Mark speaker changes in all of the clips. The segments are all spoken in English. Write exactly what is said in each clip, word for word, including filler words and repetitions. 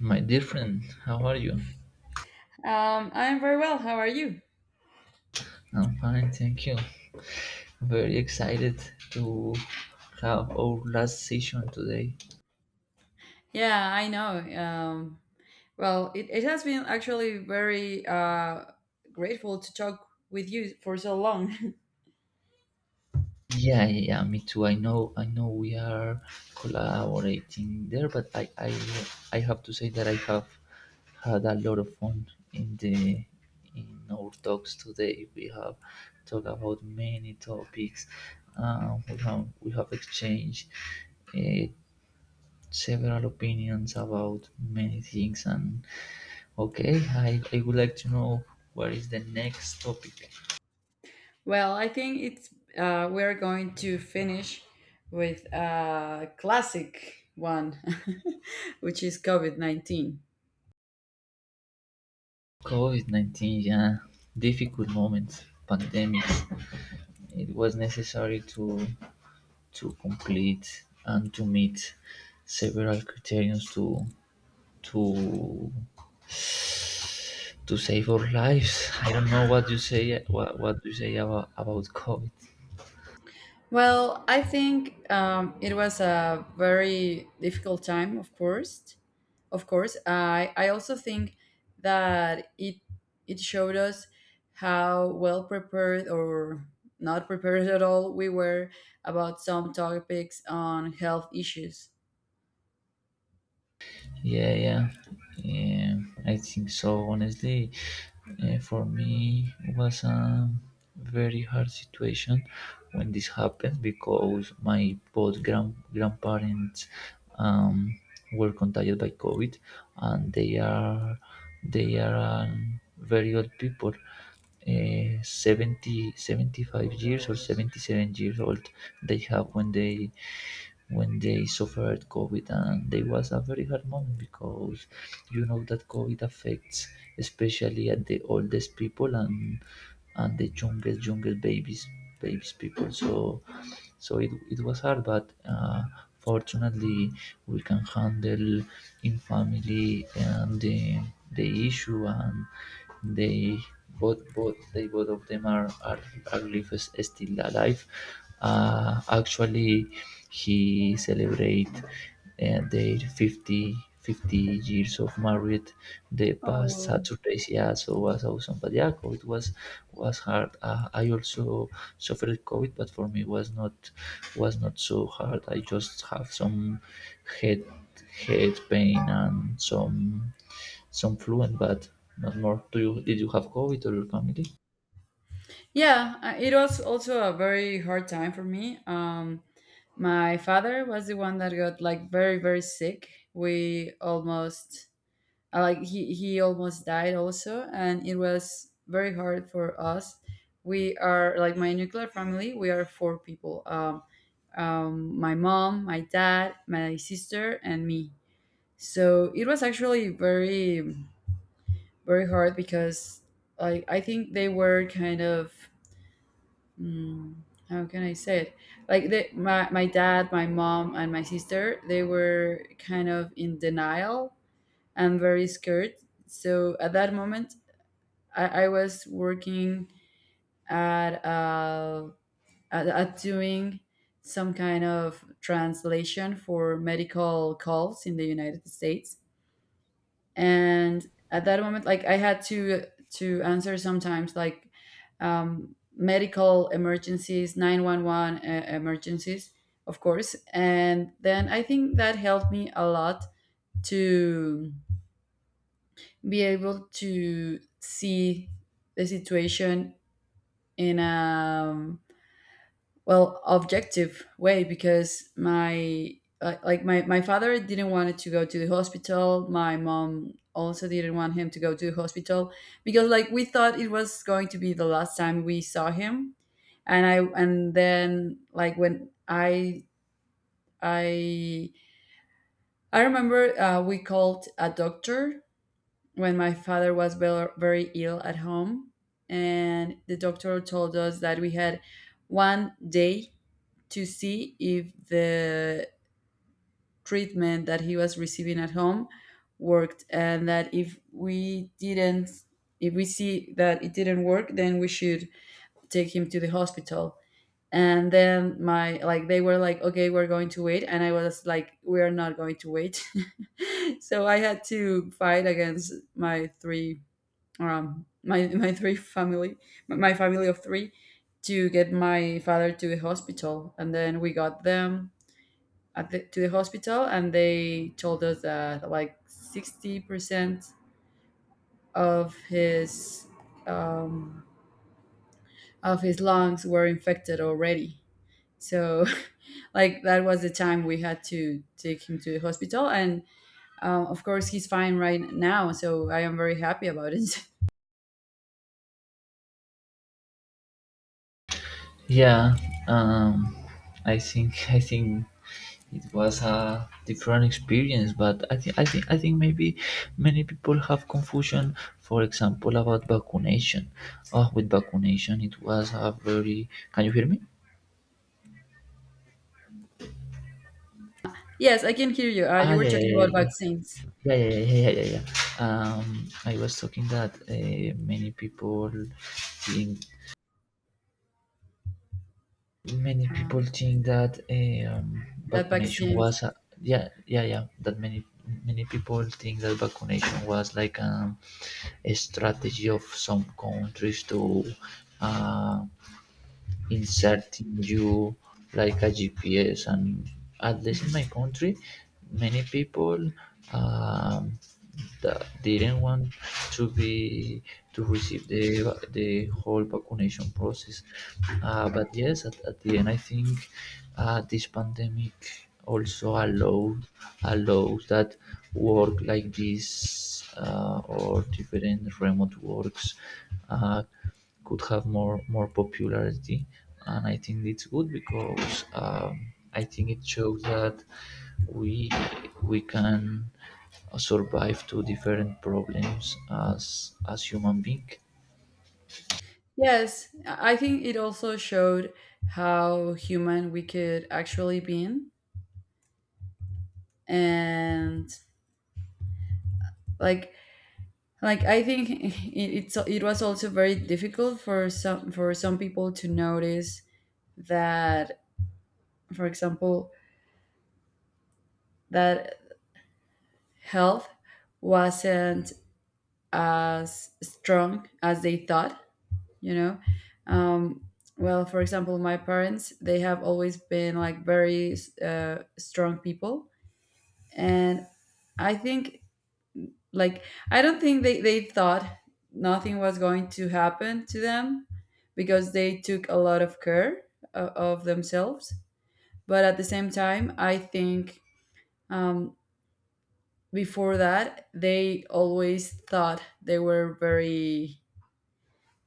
Speaker 1: My dear friend, how are you?
Speaker 2: Um, I'm very well. How are you?
Speaker 1: I'm fine, thank you. Very excited to have our last session today.
Speaker 2: Yeah, I know. Um, well, it, it has been actually very uh, grateful to talk with you for so long.
Speaker 1: Yeah, yeah, yeah, me too. I know, I know we are collaborating there, but I, I, I have to say that I have had a lot of fun in the in our talks today. We have talked about many topics. Uh, we have we have exchanged uh, several opinions about many things, and okay, I, I would like to know what is the next topic.
Speaker 2: Well, I think it's uh, we're going to finish with a classic one, which is COVID nineteen.
Speaker 1: COVID nineteen, yeah, difficult moment, pandemic. It was necessary to, to complete and to meet several criterions to, to, to save our lives. I don't know what you say. What, what do you say about, about COVID?
Speaker 2: Well, I think um, it was a very difficult time, of course. Of course, I I also think that it it showed us how well prepared or not prepared at all we were about some topics on health issues.
Speaker 1: Yeah, yeah, yeah. I think so. Honestly, uh, for me, it was a very hard situation when this happened because my both grand grandparents um, were contagiated by COVID, and they are they are um, very old people, uh, seventy 75 years or seventy-seven years old they have when they when they suffered COVID, and they was a very hard moment because you know that COVID affects especially at the oldest people, and and the youngest youngest babies babies people. So so it, it was hard, but uh, fortunately, we can handle in family and the, the issue, and they both both they both of them are are, are live, is still alive. Uh, actually, he celebrate uh, their fifty, fifty years of married the past
Speaker 2: Oh,
Speaker 1: Saturday, yeah, so was awesome. But yeah, COVID was was hard. uh, I also suffered COVID, but for me was not was not so hard. I just have some head head pain and some some fluent, but not more. Do you did you have COVID, or your family?
Speaker 2: yeah, uh, it was also a very hard time for me. Um, my father was the one that got like very very sick. We almost— Uh, like he, he almost died also, and it was very hard for us. We are, like, my nuclear family, we are four people. Um, um, my mom, my dad, my sister, and me. So it was actually very very hard because like I think they were kind of— mm, how can I say it, like they, my, my dad, my mom, and my sister, they were kind of in denial and very scared. So at that moment, I, I was working at, uh, at at doing some kind of translation for medical calls in the United States, and at that moment, like I had to to answer sometimes like um, medical emergencies, nine one one uh, emergencies, of course, and then I think that helped me a lot to be able to see the situation in a, well, objective way. Because my, like like my, my father didn't want it to go to the hospital, my mom also didn't want him to go to the hospital because like we thought it was going to be the last time we saw him. And i and then, like when I I I remember uh, we called a doctor when my father was ve- very ill at home, and the doctor told us that we had one day to see if the treatment that he was receiving at home worked, and that if we didn't— if we see that it didn't work, then we should take him to the hospital. And then my— like they were like, "Okay, we're going to wait," and I was like, "We are not going to wait." So I had to fight against my three— um my my three family, my family of three, to get my father to the hospital. And then we got them at the, to the hospital, and they told us that like sixty percent of his um, of his lungs were infected already. So, like, that was the time we had to take him to the hospital, and um, of course, he's fine right now. So I am very happy about it.
Speaker 1: Yeah, um, I think I think it was a different experience, but I think I think I think maybe many people have confusion. For example, about vaccination. Oh, with vaccination, it was a very. Can you hear me?
Speaker 2: Yes, I can hear you. Uh, you
Speaker 1: Ah,
Speaker 2: were
Speaker 1: yeah,
Speaker 2: talking
Speaker 1: yeah,
Speaker 2: about
Speaker 1: yeah,
Speaker 2: vaccines.
Speaker 1: yeah, yeah, yeah, yeah, yeah, yeah, yeah. Um, I was talking that uh, many people think many
Speaker 2: Uh,
Speaker 1: people think that eh, um,
Speaker 2: that
Speaker 1: vaccination was
Speaker 2: vaccines.
Speaker 1: a, yeah, yeah, yeah, that many many people think that vaccination was like, um, a strategy of some countries to, uh, inserting you like a G P S. And at least in my country, many people, um, that didn't want to be to receive the the whole vaccination process. Uh, but yes, at, at the end, I think, uh, this pandemic also allowed allows that work like this, uh, or different remote works. Uh, could have more more popularity, and I think it's good because, um, I think it shows that we we can survive to different problems as as human being.
Speaker 2: Yes, I I think it also showed how human we could actually be. And like like I think it, it's it was also very difficult for some for some people to notice that, for example, that health wasn't as strong as they thought, you know. um well, for example, my parents, they have always been like very uh, strong people. And I think, like, I don't think they, they thought nothing was going to happen to them because they took a lot of care of, of themselves. But at the same time, I think, um, before that, they always thought they were very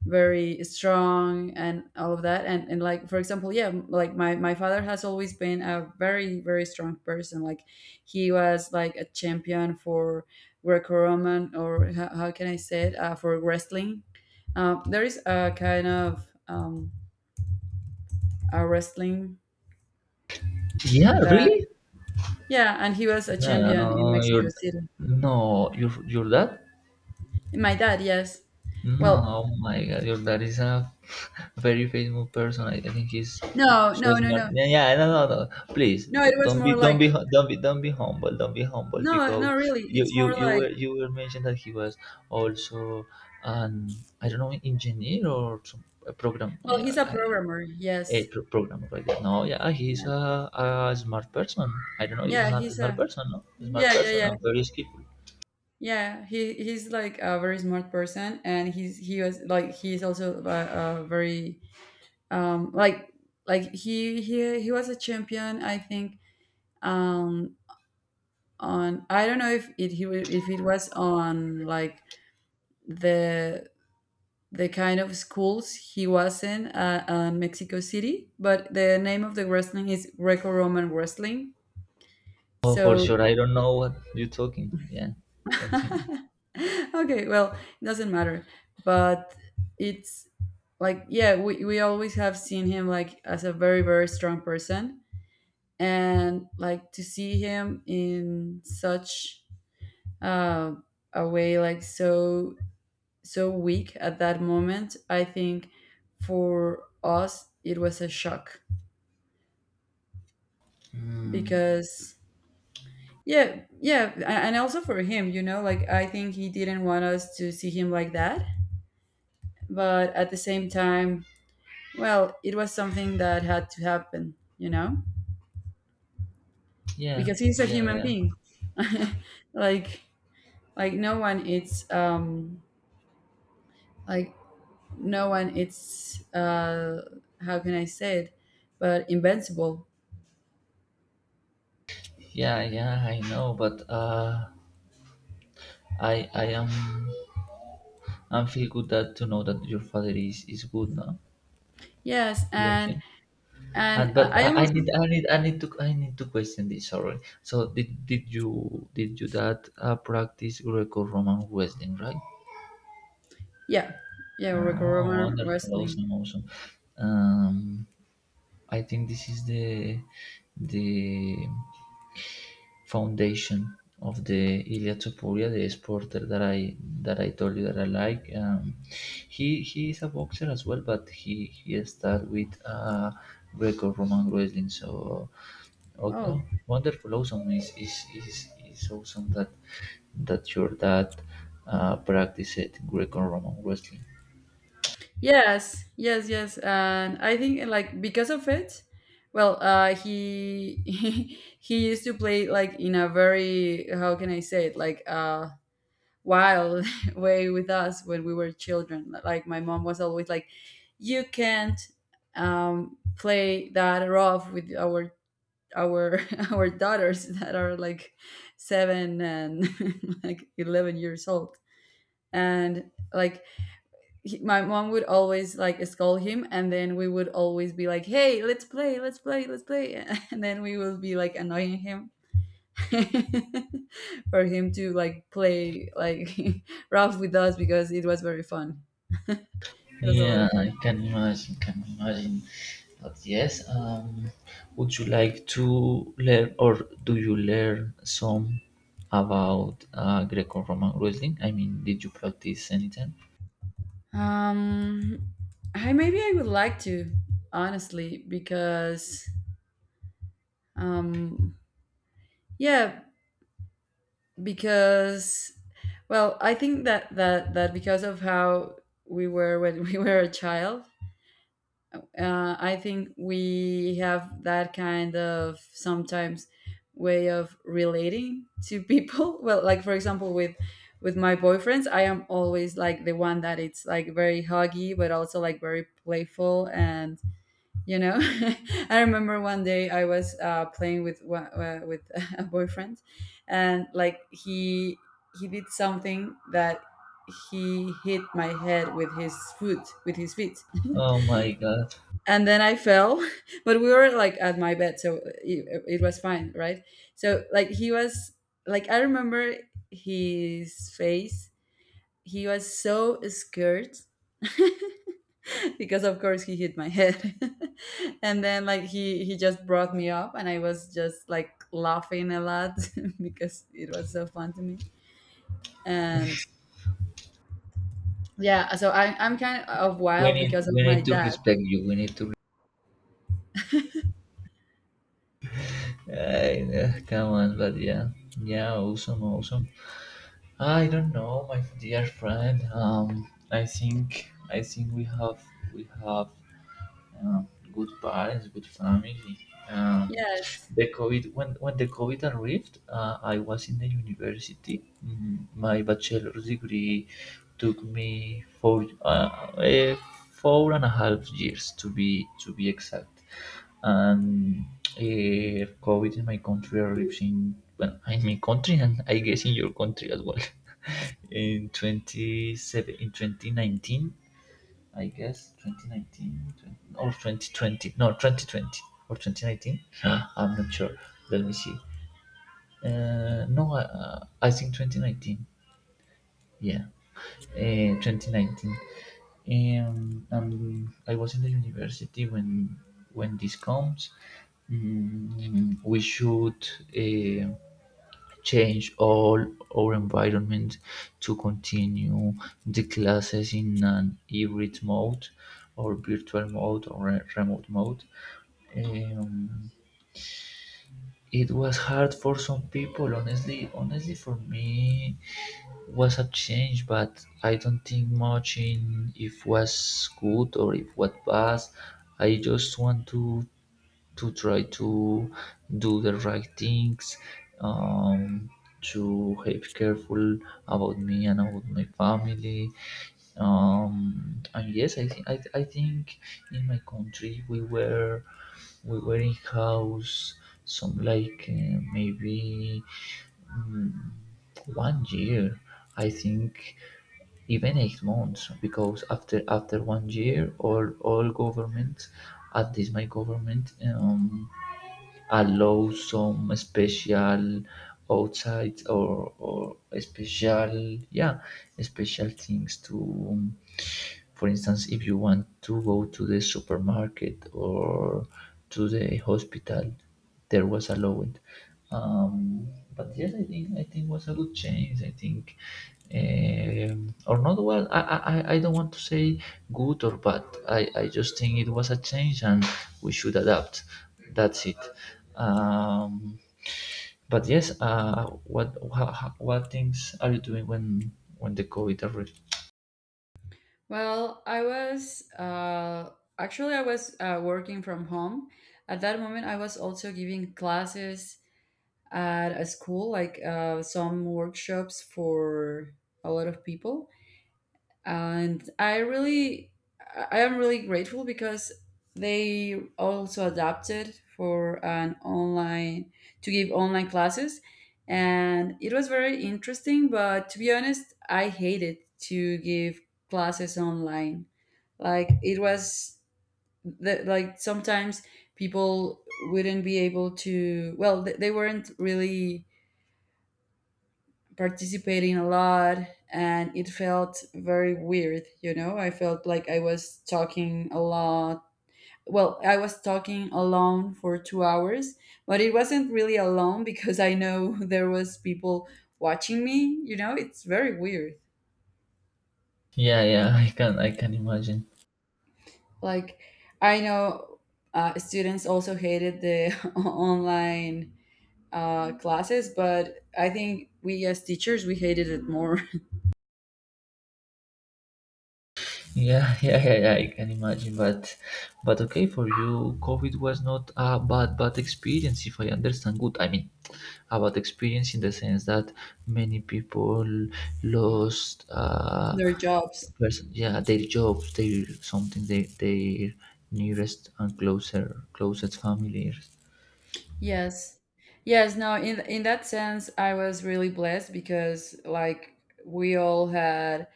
Speaker 2: very strong and all of that. And and like, for example, yeah, like my— my father has always been a very very strong person. Like, he was like a champion for Greco-Roman, or how, how can I say it, uh, for wrestling. Um, there is a kind of um, a wrestling
Speaker 1: Yeah,
Speaker 2: that—
Speaker 1: really?
Speaker 2: yeah. And he was a
Speaker 1: no, no,
Speaker 2: champion in
Speaker 1: no, your
Speaker 2: Mexico City.
Speaker 1: No, your your dad?
Speaker 2: My dad, yes.
Speaker 1: No,
Speaker 2: Well,
Speaker 1: oh my God, your dad is a very famous person. I, I think he's, uh,
Speaker 2: no
Speaker 1: so
Speaker 2: no no
Speaker 1: smart.
Speaker 2: no
Speaker 1: Yeah, yeah, no, no, no. Please
Speaker 2: no, it
Speaker 1: don't
Speaker 2: was
Speaker 1: don't be
Speaker 2: more
Speaker 1: don't
Speaker 2: like—
Speaker 1: be hu- don't be don't be humble. Don't be humble
Speaker 2: no, no
Speaker 1: because
Speaker 2: really,
Speaker 1: you
Speaker 2: it's
Speaker 1: you
Speaker 2: more
Speaker 1: you
Speaker 2: like—
Speaker 1: were you were mentioned that he was also an, I don't know, engineer or some, a program,
Speaker 2: well,
Speaker 1: yeah,
Speaker 2: he's a
Speaker 1: I don't know,
Speaker 2: programmer,
Speaker 1: a
Speaker 2: yes.
Speaker 1: pro- programmer like that. No, yeah, he's
Speaker 2: Yeah,
Speaker 1: a, a smart person. I don't know, he's
Speaker 2: yeah,
Speaker 1: smart
Speaker 2: he's
Speaker 1: smart
Speaker 2: a—
Speaker 1: person. No, smart
Speaker 2: yeah, yeah,
Speaker 1: person.
Speaker 2: yeah,
Speaker 1: I'm very skillful.
Speaker 2: yeah. He he's like a very smart person, and he's he was like he's also a, a very um like like he he he was a champion, I think. um on, I don't know if it he wa- if it was on like the— the kind of schools he was in, uh, uh, Mexico City, but the name of the wrestling is Greco-Roman wrestling.
Speaker 1: Oh, for
Speaker 2: So
Speaker 1: sure. I don't know what you're talking. Yeah, continue.
Speaker 2: okay, well, it doesn't matter. But it's like, yeah, we, we always have seen him like as a very, very strong person. And like, to see him in such uh, a way, like so, so weak at that moment, I think for us it was a shock
Speaker 1: Hmm.
Speaker 2: because— yeah, yeah a- and also for him, you know. Like, I think he didn't want us to see him like that, but at the same time, well, it was something that had to happen, you know,
Speaker 1: Yeah,
Speaker 2: because he's a
Speaker 1: yeah,
Speaker 2: human
Speaker 1: yeah,
Speaker 2: being. like, like no one eats, um, like no one eats. Uh, how can I say it? But invincible.
Speaker 1: yeah, yeah. I know, but, uh, I, I am, I'm feel good that to know that your father is is good now.
Speaker 2: Yes,
Speaker 1: Love
Speaker 2: and—
Speaker 1: him.
Speaker 2: and
Speaker 1: And but
Speaker 2: I I am
Speaker 1: I, I
Speaker 2: also—
Speaker 1: need, I need, I need to, I need to question this. Sorry. So did did you did you that, uh, practice Greco-Roman wrestling, right?
Speaker 2: yeah, yeah,
Speaker 1: Oh,
Speaker 2: Greco-Roman
Speaker 1: wonderful,
Speaker 2: wrestling.
Speaker 1: awesome, awesome. Um, I think this is the the foundation of the Ilia Topuria, the exporter that I that I told you that I like. Um, he he is a boxer as well, but he he started with, uh, Greco-Roman wrestling. So, okay, oh,
Speaker 2: Oh,
Speaker 1: wonderful, awesome is is is is awesome that that your dad, uh, practiced Greco-Roman wrestling.
Speaker 2: yes, yes, yes. And I think like because of it, well, uh, he he he used to play like in a very— how can I say it, like, uh wild way with us when we were children. Like, my mom was always like, "You can't um play that rough with our— our our daughters that are like seven and like eleven years old." And like he, my mom would always like scold him, and then we would always be like, "Hey, let's play, let's play, let's play," and then we would be like annoying him for him to like play like rough with us because it was very fun. It was a lot
Speaker 1: Yeah,
Speaker 2: of
Speaker 1: I
Speaker 2: fun.
Speaker 1: can imagine, can imagine. But yes, um, would you like to learn, or do you learn some about, uh, Greco-Roman wrestling? I mean, did you practice anytime?
Speaker 2: Um I Maybe I would like to, honestly, because um yeah because— well, I think that that that because of how we were when we were a child, uh, I think we have that kind of, sometimes, way of relating to people. Well, like, for example, with— with my boyfriends, I am always like the one that it's like very huggy, but also like very playful. And you know, I remember one day I was uh, playing with one- uh, with a boyfriend, and like he— he did something that— he hit my head with his foot, with his feet,
Speaker 1: Oh my God,
Speaker 2: and then I fell. But we were like at my bed, so it, it was fine, right? So like he was like— I remember his face. He was so scared because, of course, he hit my head. And then like he he just brought me up, and I was just like laughing a lot because it was so fun to me. And yeah, so I, I'm kind of
Speaker 1: we
Speaker 2: wild
Speaker 1: need
Speaker 2: because of
Speaker 1: we
Speaker 2: my
Speaker 1: need to
Speaker 2: dad.
Speaker 1: respect you. We need to. I know, come on, but yeah, yeah, awesome, awesome. I don't know, my dear friend. Um, I think I think we have we have, uh, good parents, good family. Um,
Speaker 2: Yes.
Speaker 1: the COVID, when when the COVID arrived, uh, I was in the university. Mm, My bachelor's degree took me four uh, eh, four and a half years to be to be exact. And uh, COVID in my country arrived in, well, in my country, and I guess in your country as well in twenty-seven in twenty nineteen. I guess twenty nineteen or twenty twenty. No, twenty twenty or twenty nineteen. I'm not sure. Let me see. Uh, no, uh, I think twenty nineteen. Yeah, uh, twenty nineteen. Um, and I was in the university when when this comes. Mm, we should. Uh, change all our environment to continue the classes in an hybrid mode or virtual mode or re- remote mode. Um, it was hard for some people, honestly. Honestly, for me, was a change, but I don't think much in if was good or if what was. I just want to to try to do the right things, um, to have careful about me and about my family. Um, and yes, I think, I, th- I think in my country we were we were in house, some like, uh, maybe, mm, one year, I think, even eight months, because after after one year, all all governments, at least my government, um, allow some special outside, or or special, yeah, special things to, um, for instance, if you want to go to the supermarket or to the hospital, there was allowed. um, but yes, I think I think was a good change. I think, um, or not, well. I, I I I don't want to say good or bad. I I just think it was a change and we should adapt. That's it. Um, but yes, uh, what how, what things are you doing when when the COVID arrived?
Speaker 2: Well, I was uh, actually, I was uh, working from home. At that moment, I was also giving classes at a school, like uh, some workshops for a lot of people. And I really— I I am really grateful because they also adapted for an online— to give online classes, and it was very interesting. But, to be honest, I hated to give classes online. Like, it was the— like sometimes people wouldn't be able to, well, th- they weren't really participating a lot, and it felt very weird, you know. I felt like I was talking a lot— well, I was talking alone for two hours, but it wasn't really alone because I know there was people watching me. You know, it's very weird.
Speaker 1: Yeah, yeah, I can I can imagine.
Speaker 2: Like, I know uh, students also hated the online uh, classes, but I think we as teachers, we hated it more.
Speaker 1: Yeah, yeah, yeah, yeah, I can imagine, but but okay, for you, COVID was not a bad bad experience, if I understand good. I mean, a bad experience in the sense that many people lost, uh
Speaker 2: Their jobs.
Speaker 1: person, yeah, their jobs, their something, their their nearest and closer closest families.
Speaker 2: Yes, yes. No, in in that sense, I was really blessed because, like, we all had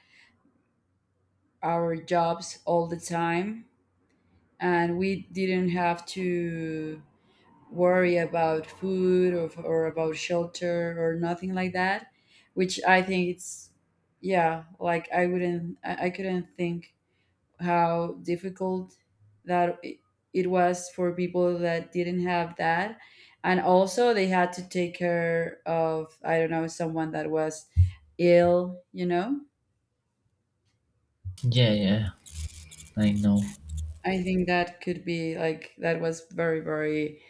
Speaker 2: our jobs all the time, and we didn't have to worry about food or, or about shelter or nothing like that, which I think it's— yeah. Like I wouldn't, I, I couldn't think how difficult that i- it was for people that didn't have that. And also they had to take care of, I don't know, someone that was ill you know
Speaker 1: Yeah, yeah, I know.
Speaker 2: I think that could be, like, that was very, very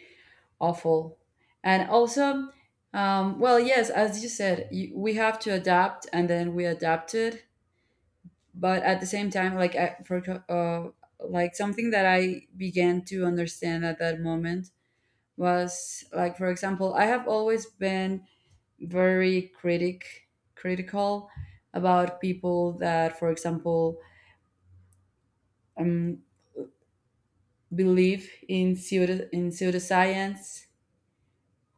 Speaker 2: awful. And also, um, well, yes, as you said, you, we have to adapt, and then we adapted. But at the same time, like I, for uh, like something that I began to understand at that moment was, like, for example, I have always been very critic critical about people that, for example, um, believe in pseudo in pseudoscience.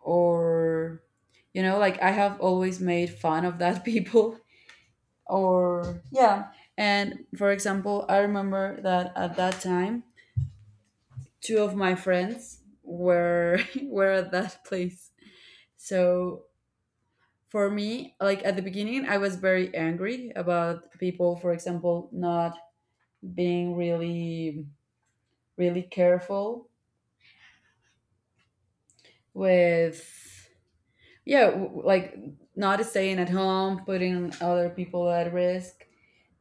Speaker 2: Or, you know, like I have always made fun of that people. Or, yeah, and for example, I remember that at that time, two of my friends were were at that place. So for me, like, at the beginning, I was very angry about people, for example, not being really, really careful with, yeah, w- like, not staying at home, putting other people at risk.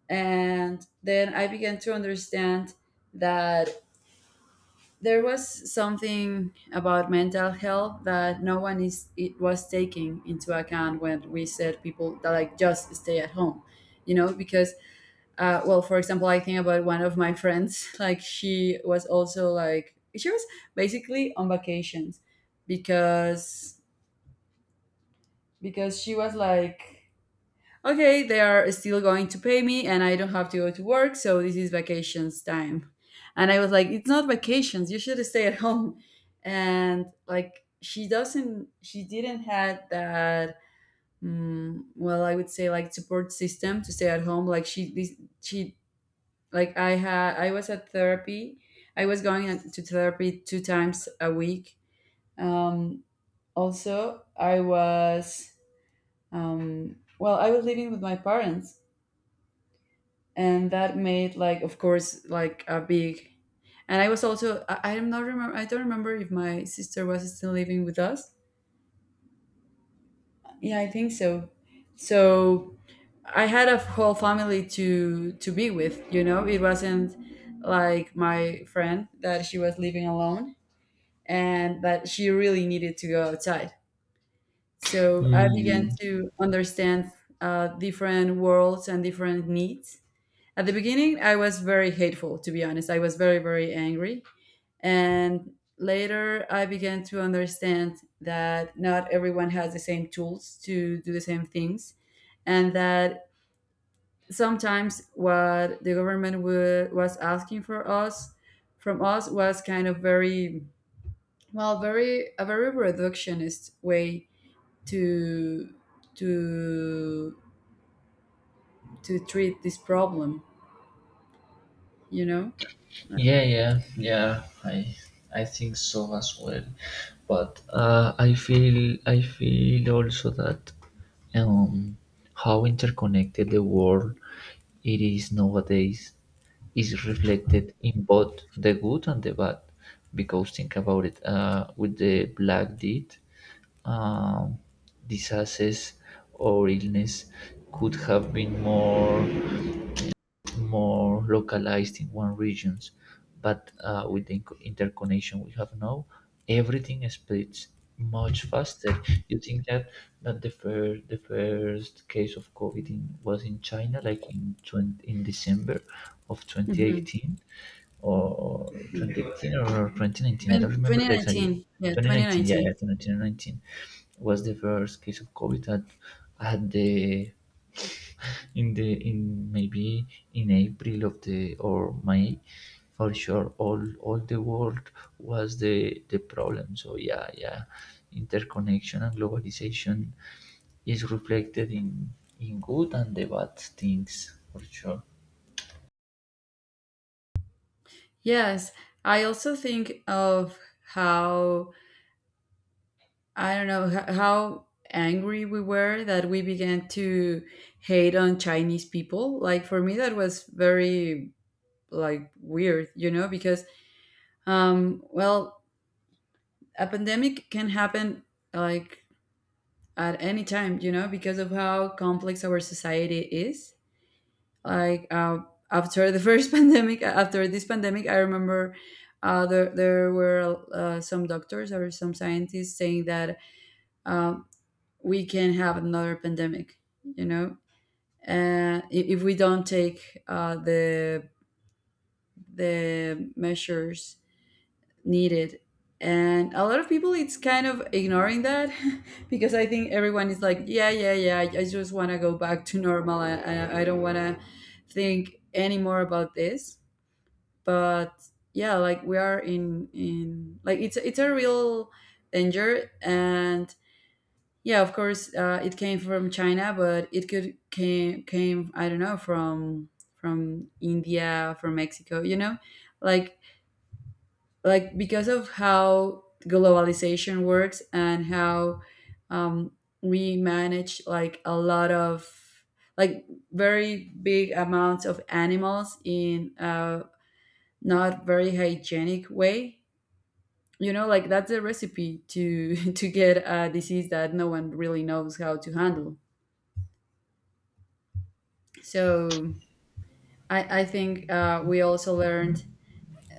Speaker 2: And then I began to understand that there was something about mental health that no one is it was taking into account when we said people that, like, just stay at home, you know, because uh, well, for example, I think about one of my friends. Like, she was also like she was basically on vacations, because because she was like, okay, they are still going to pay me and I don't have to go to work, so this is vacations time. And I was like, it's not vacations, you should stay at home. And like she doesn't she didn't had that, mm, well, I would say, like, support system to stay at home. Like she this, she like I had I was at therapy. I was going to therapy two times a week. um, also I was, um, well, I was living with my parents, and that made, like, of course, like a big. And I was also i, I am not remember I don't remember if my sister was still living with us. Yeah, I think so. So I had a whole family to to be with you know It wasn't like my friend that she was living alone, and that she really needed to go outside. So I began
Speaker 1: Mm,
Speaker 2: to understand uh, different worlds and different needs. At the beginning, I was very hateful, to be honest. I was very, very angry. And later, I began to understand that not everyone has the same tools to do the same things, and that sometimes what the government wa- was asking for us from us was kind of very. Well, very a very reductionist way to to to treat this problem, you know.
Speaker 1: yeah, yeah, yeah. I I think so as well. But uh, I feel I feel also that, um, how interconnected the world it is nowadays, is reflected in both the good and the bad. Because think about it, uh, with the black deed, um, diseases or illness could have been more more localized in one regions, but uh, with the inc- interconnection we have now, everything splits much faster. You think that that the first the first case of COVID in, was in China, like in twenty, in December of
Speaker 2: Hmm.
Speaker 1: twenty eighteen or
Speaker 2: Mm.
Speaker 1: twenty eighteen or twenty nineteen. I don't
Speaker 2: Twen-
Speaker 1: remember the exact year.
Speaker 2: twenty nineteen. Yeah,
Speaker 1: twenty nineteen, yeah,
Speaker 2: twenty nineteen.
Speaker 1: yeah, twenty nineteen was the first case of COVID at at the in the in maybe in April of the or May, for sure all all the world was the the problem. So yeah, yeah, interconnection and globalization is reflected in in good and the bad things for sure.
Speaker 2: Yes, I also think of how, I don't know, h- how angry we were that we began to hate on Chinese people. Like, for me, that was very, like, weird, you know, because um well a pandemic can happen, like, at any time, you know, because of how complex our society is. Like uh, after the first pandemic, after this pandemic, I remember uh, there there were uh, some doctors or some scientists saying that um, we can have another pandemic, you know, uh, i- if we don't take uh, the the measures needed. And a lot of people it's kind of ignoring that because I think everyone is like, yeah, yeah, yeah, I just want to go back to normal. I, I, I don't want to think anymore about this. But yeah, like we are in in like it's it's a real danger. And yeah, of course, uh, it came from China. But it could came came I don't know from from India, from Mexico, you know. like like because of how globalization works and how um, we manage, like, a lot of, like, very big amounts of animals in a not very hygienic way, you know, like that's a recipe to to get a disease that no one really knows how to handle. So i i think, uh, we also learned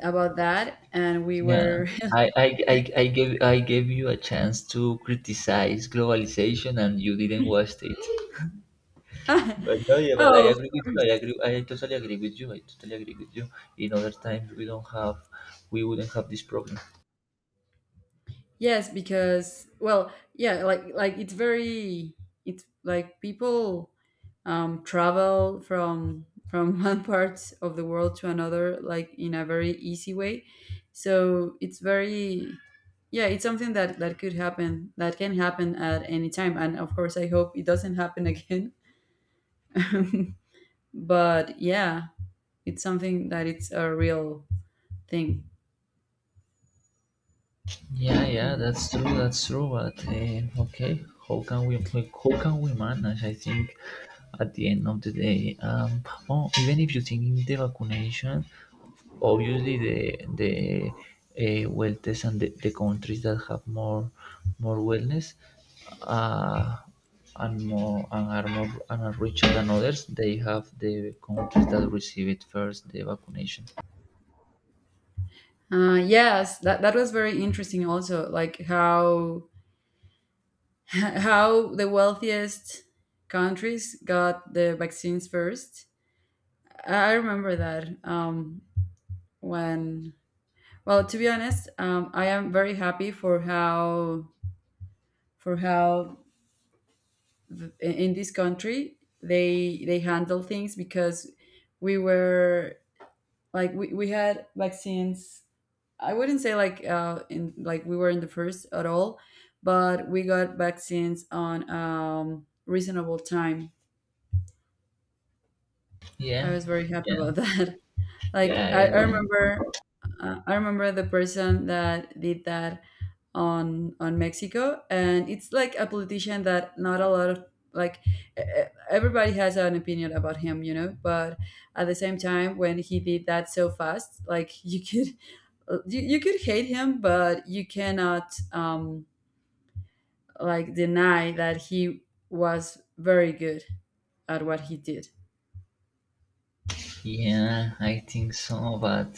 Speaker 2: about that, and we
Speaker 1: Yeah,
Speaker 2: were
Speaker 1: I, I i i gave I gave you a chance to criticize globalization and you didn't watch it. But no, yeah, but I
Speaker 2: oh of
Speaker 1: agree with you.
Speaker 2: course.
Speaker 1: I agree. I totally agree with you. I totally agree with you. In other times, we don't have, we wouldn't have this problem.
Speaker 2: Yes, because, well, yeah, like like it's very, it's like people um travel from from one part of the world to another, like in a very easy way. So it's very, yeah, it's something that that could happen. That can happen at any time, and of course I hope it doesn't happen again. But yeah, it's something that it's a real thing.
Speaker 1: Yeah, yeah,
Speaker 2: Mm.
Speaker 1: that's true, that's true. But uh, okay, how can we how can we manage? I think at the end of the day, um, oh, even if you think in the vaccination, obviously the the, uh, wealthiest and the, the countries that have more more wellness, uh, and more and are more and are richer than others, they have the countries that receive it first the vaccination.
Speaker 2: Uh, yes, that, that was very interesting also, like how how the wealthiest countries got the vaccines first. I remember that um, when, well, to be honest, um, I am very happy for how for how in in this country they they handle things because we were, like, we, we had vaccines. I wouldn't say like uh, in, like, we were in the first at all, but we got vaccines on um, reasonable time. I
Speaker 1: Yeah,
Speaker 2: was very happy
Speaker 1: yeah,
Speaker 2: about that. Like
Speaker 1: yeah,
Speaker 2: I, I
Speaker 1: yeah.
Speaker 2: remember, uh, I remember the person that did that on on Mexico, and it's like a politician that not a lot of, like, e- e- everybody has an opinion about him, you know. But at the same time, when he did that so fast, like you could you, you could hate him, but you cannot um like deny that he was very good at what he did.
Speaker 1: Yeah, I think so, but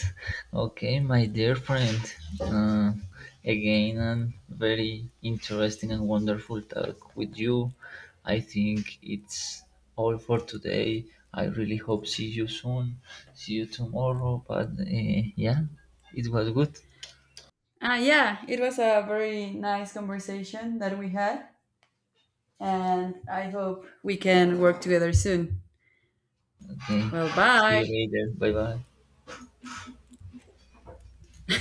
Speaker 1: okay, my dear friend. Uh, Again, a very interesting and wonderful talk with you. I think it's all for today. I really hope see you soon. See you tomorrow, but uh, yeah, it was good.
Speaker 2: Uh, yeah, it was a very nice conversation that we had. And I hope we can work together soon.
Speaker 1: Okay,
Speaker 2: Well,
Speaker 1: see
Speaker 2: bye.
Speaker 1: you later. Bye bye.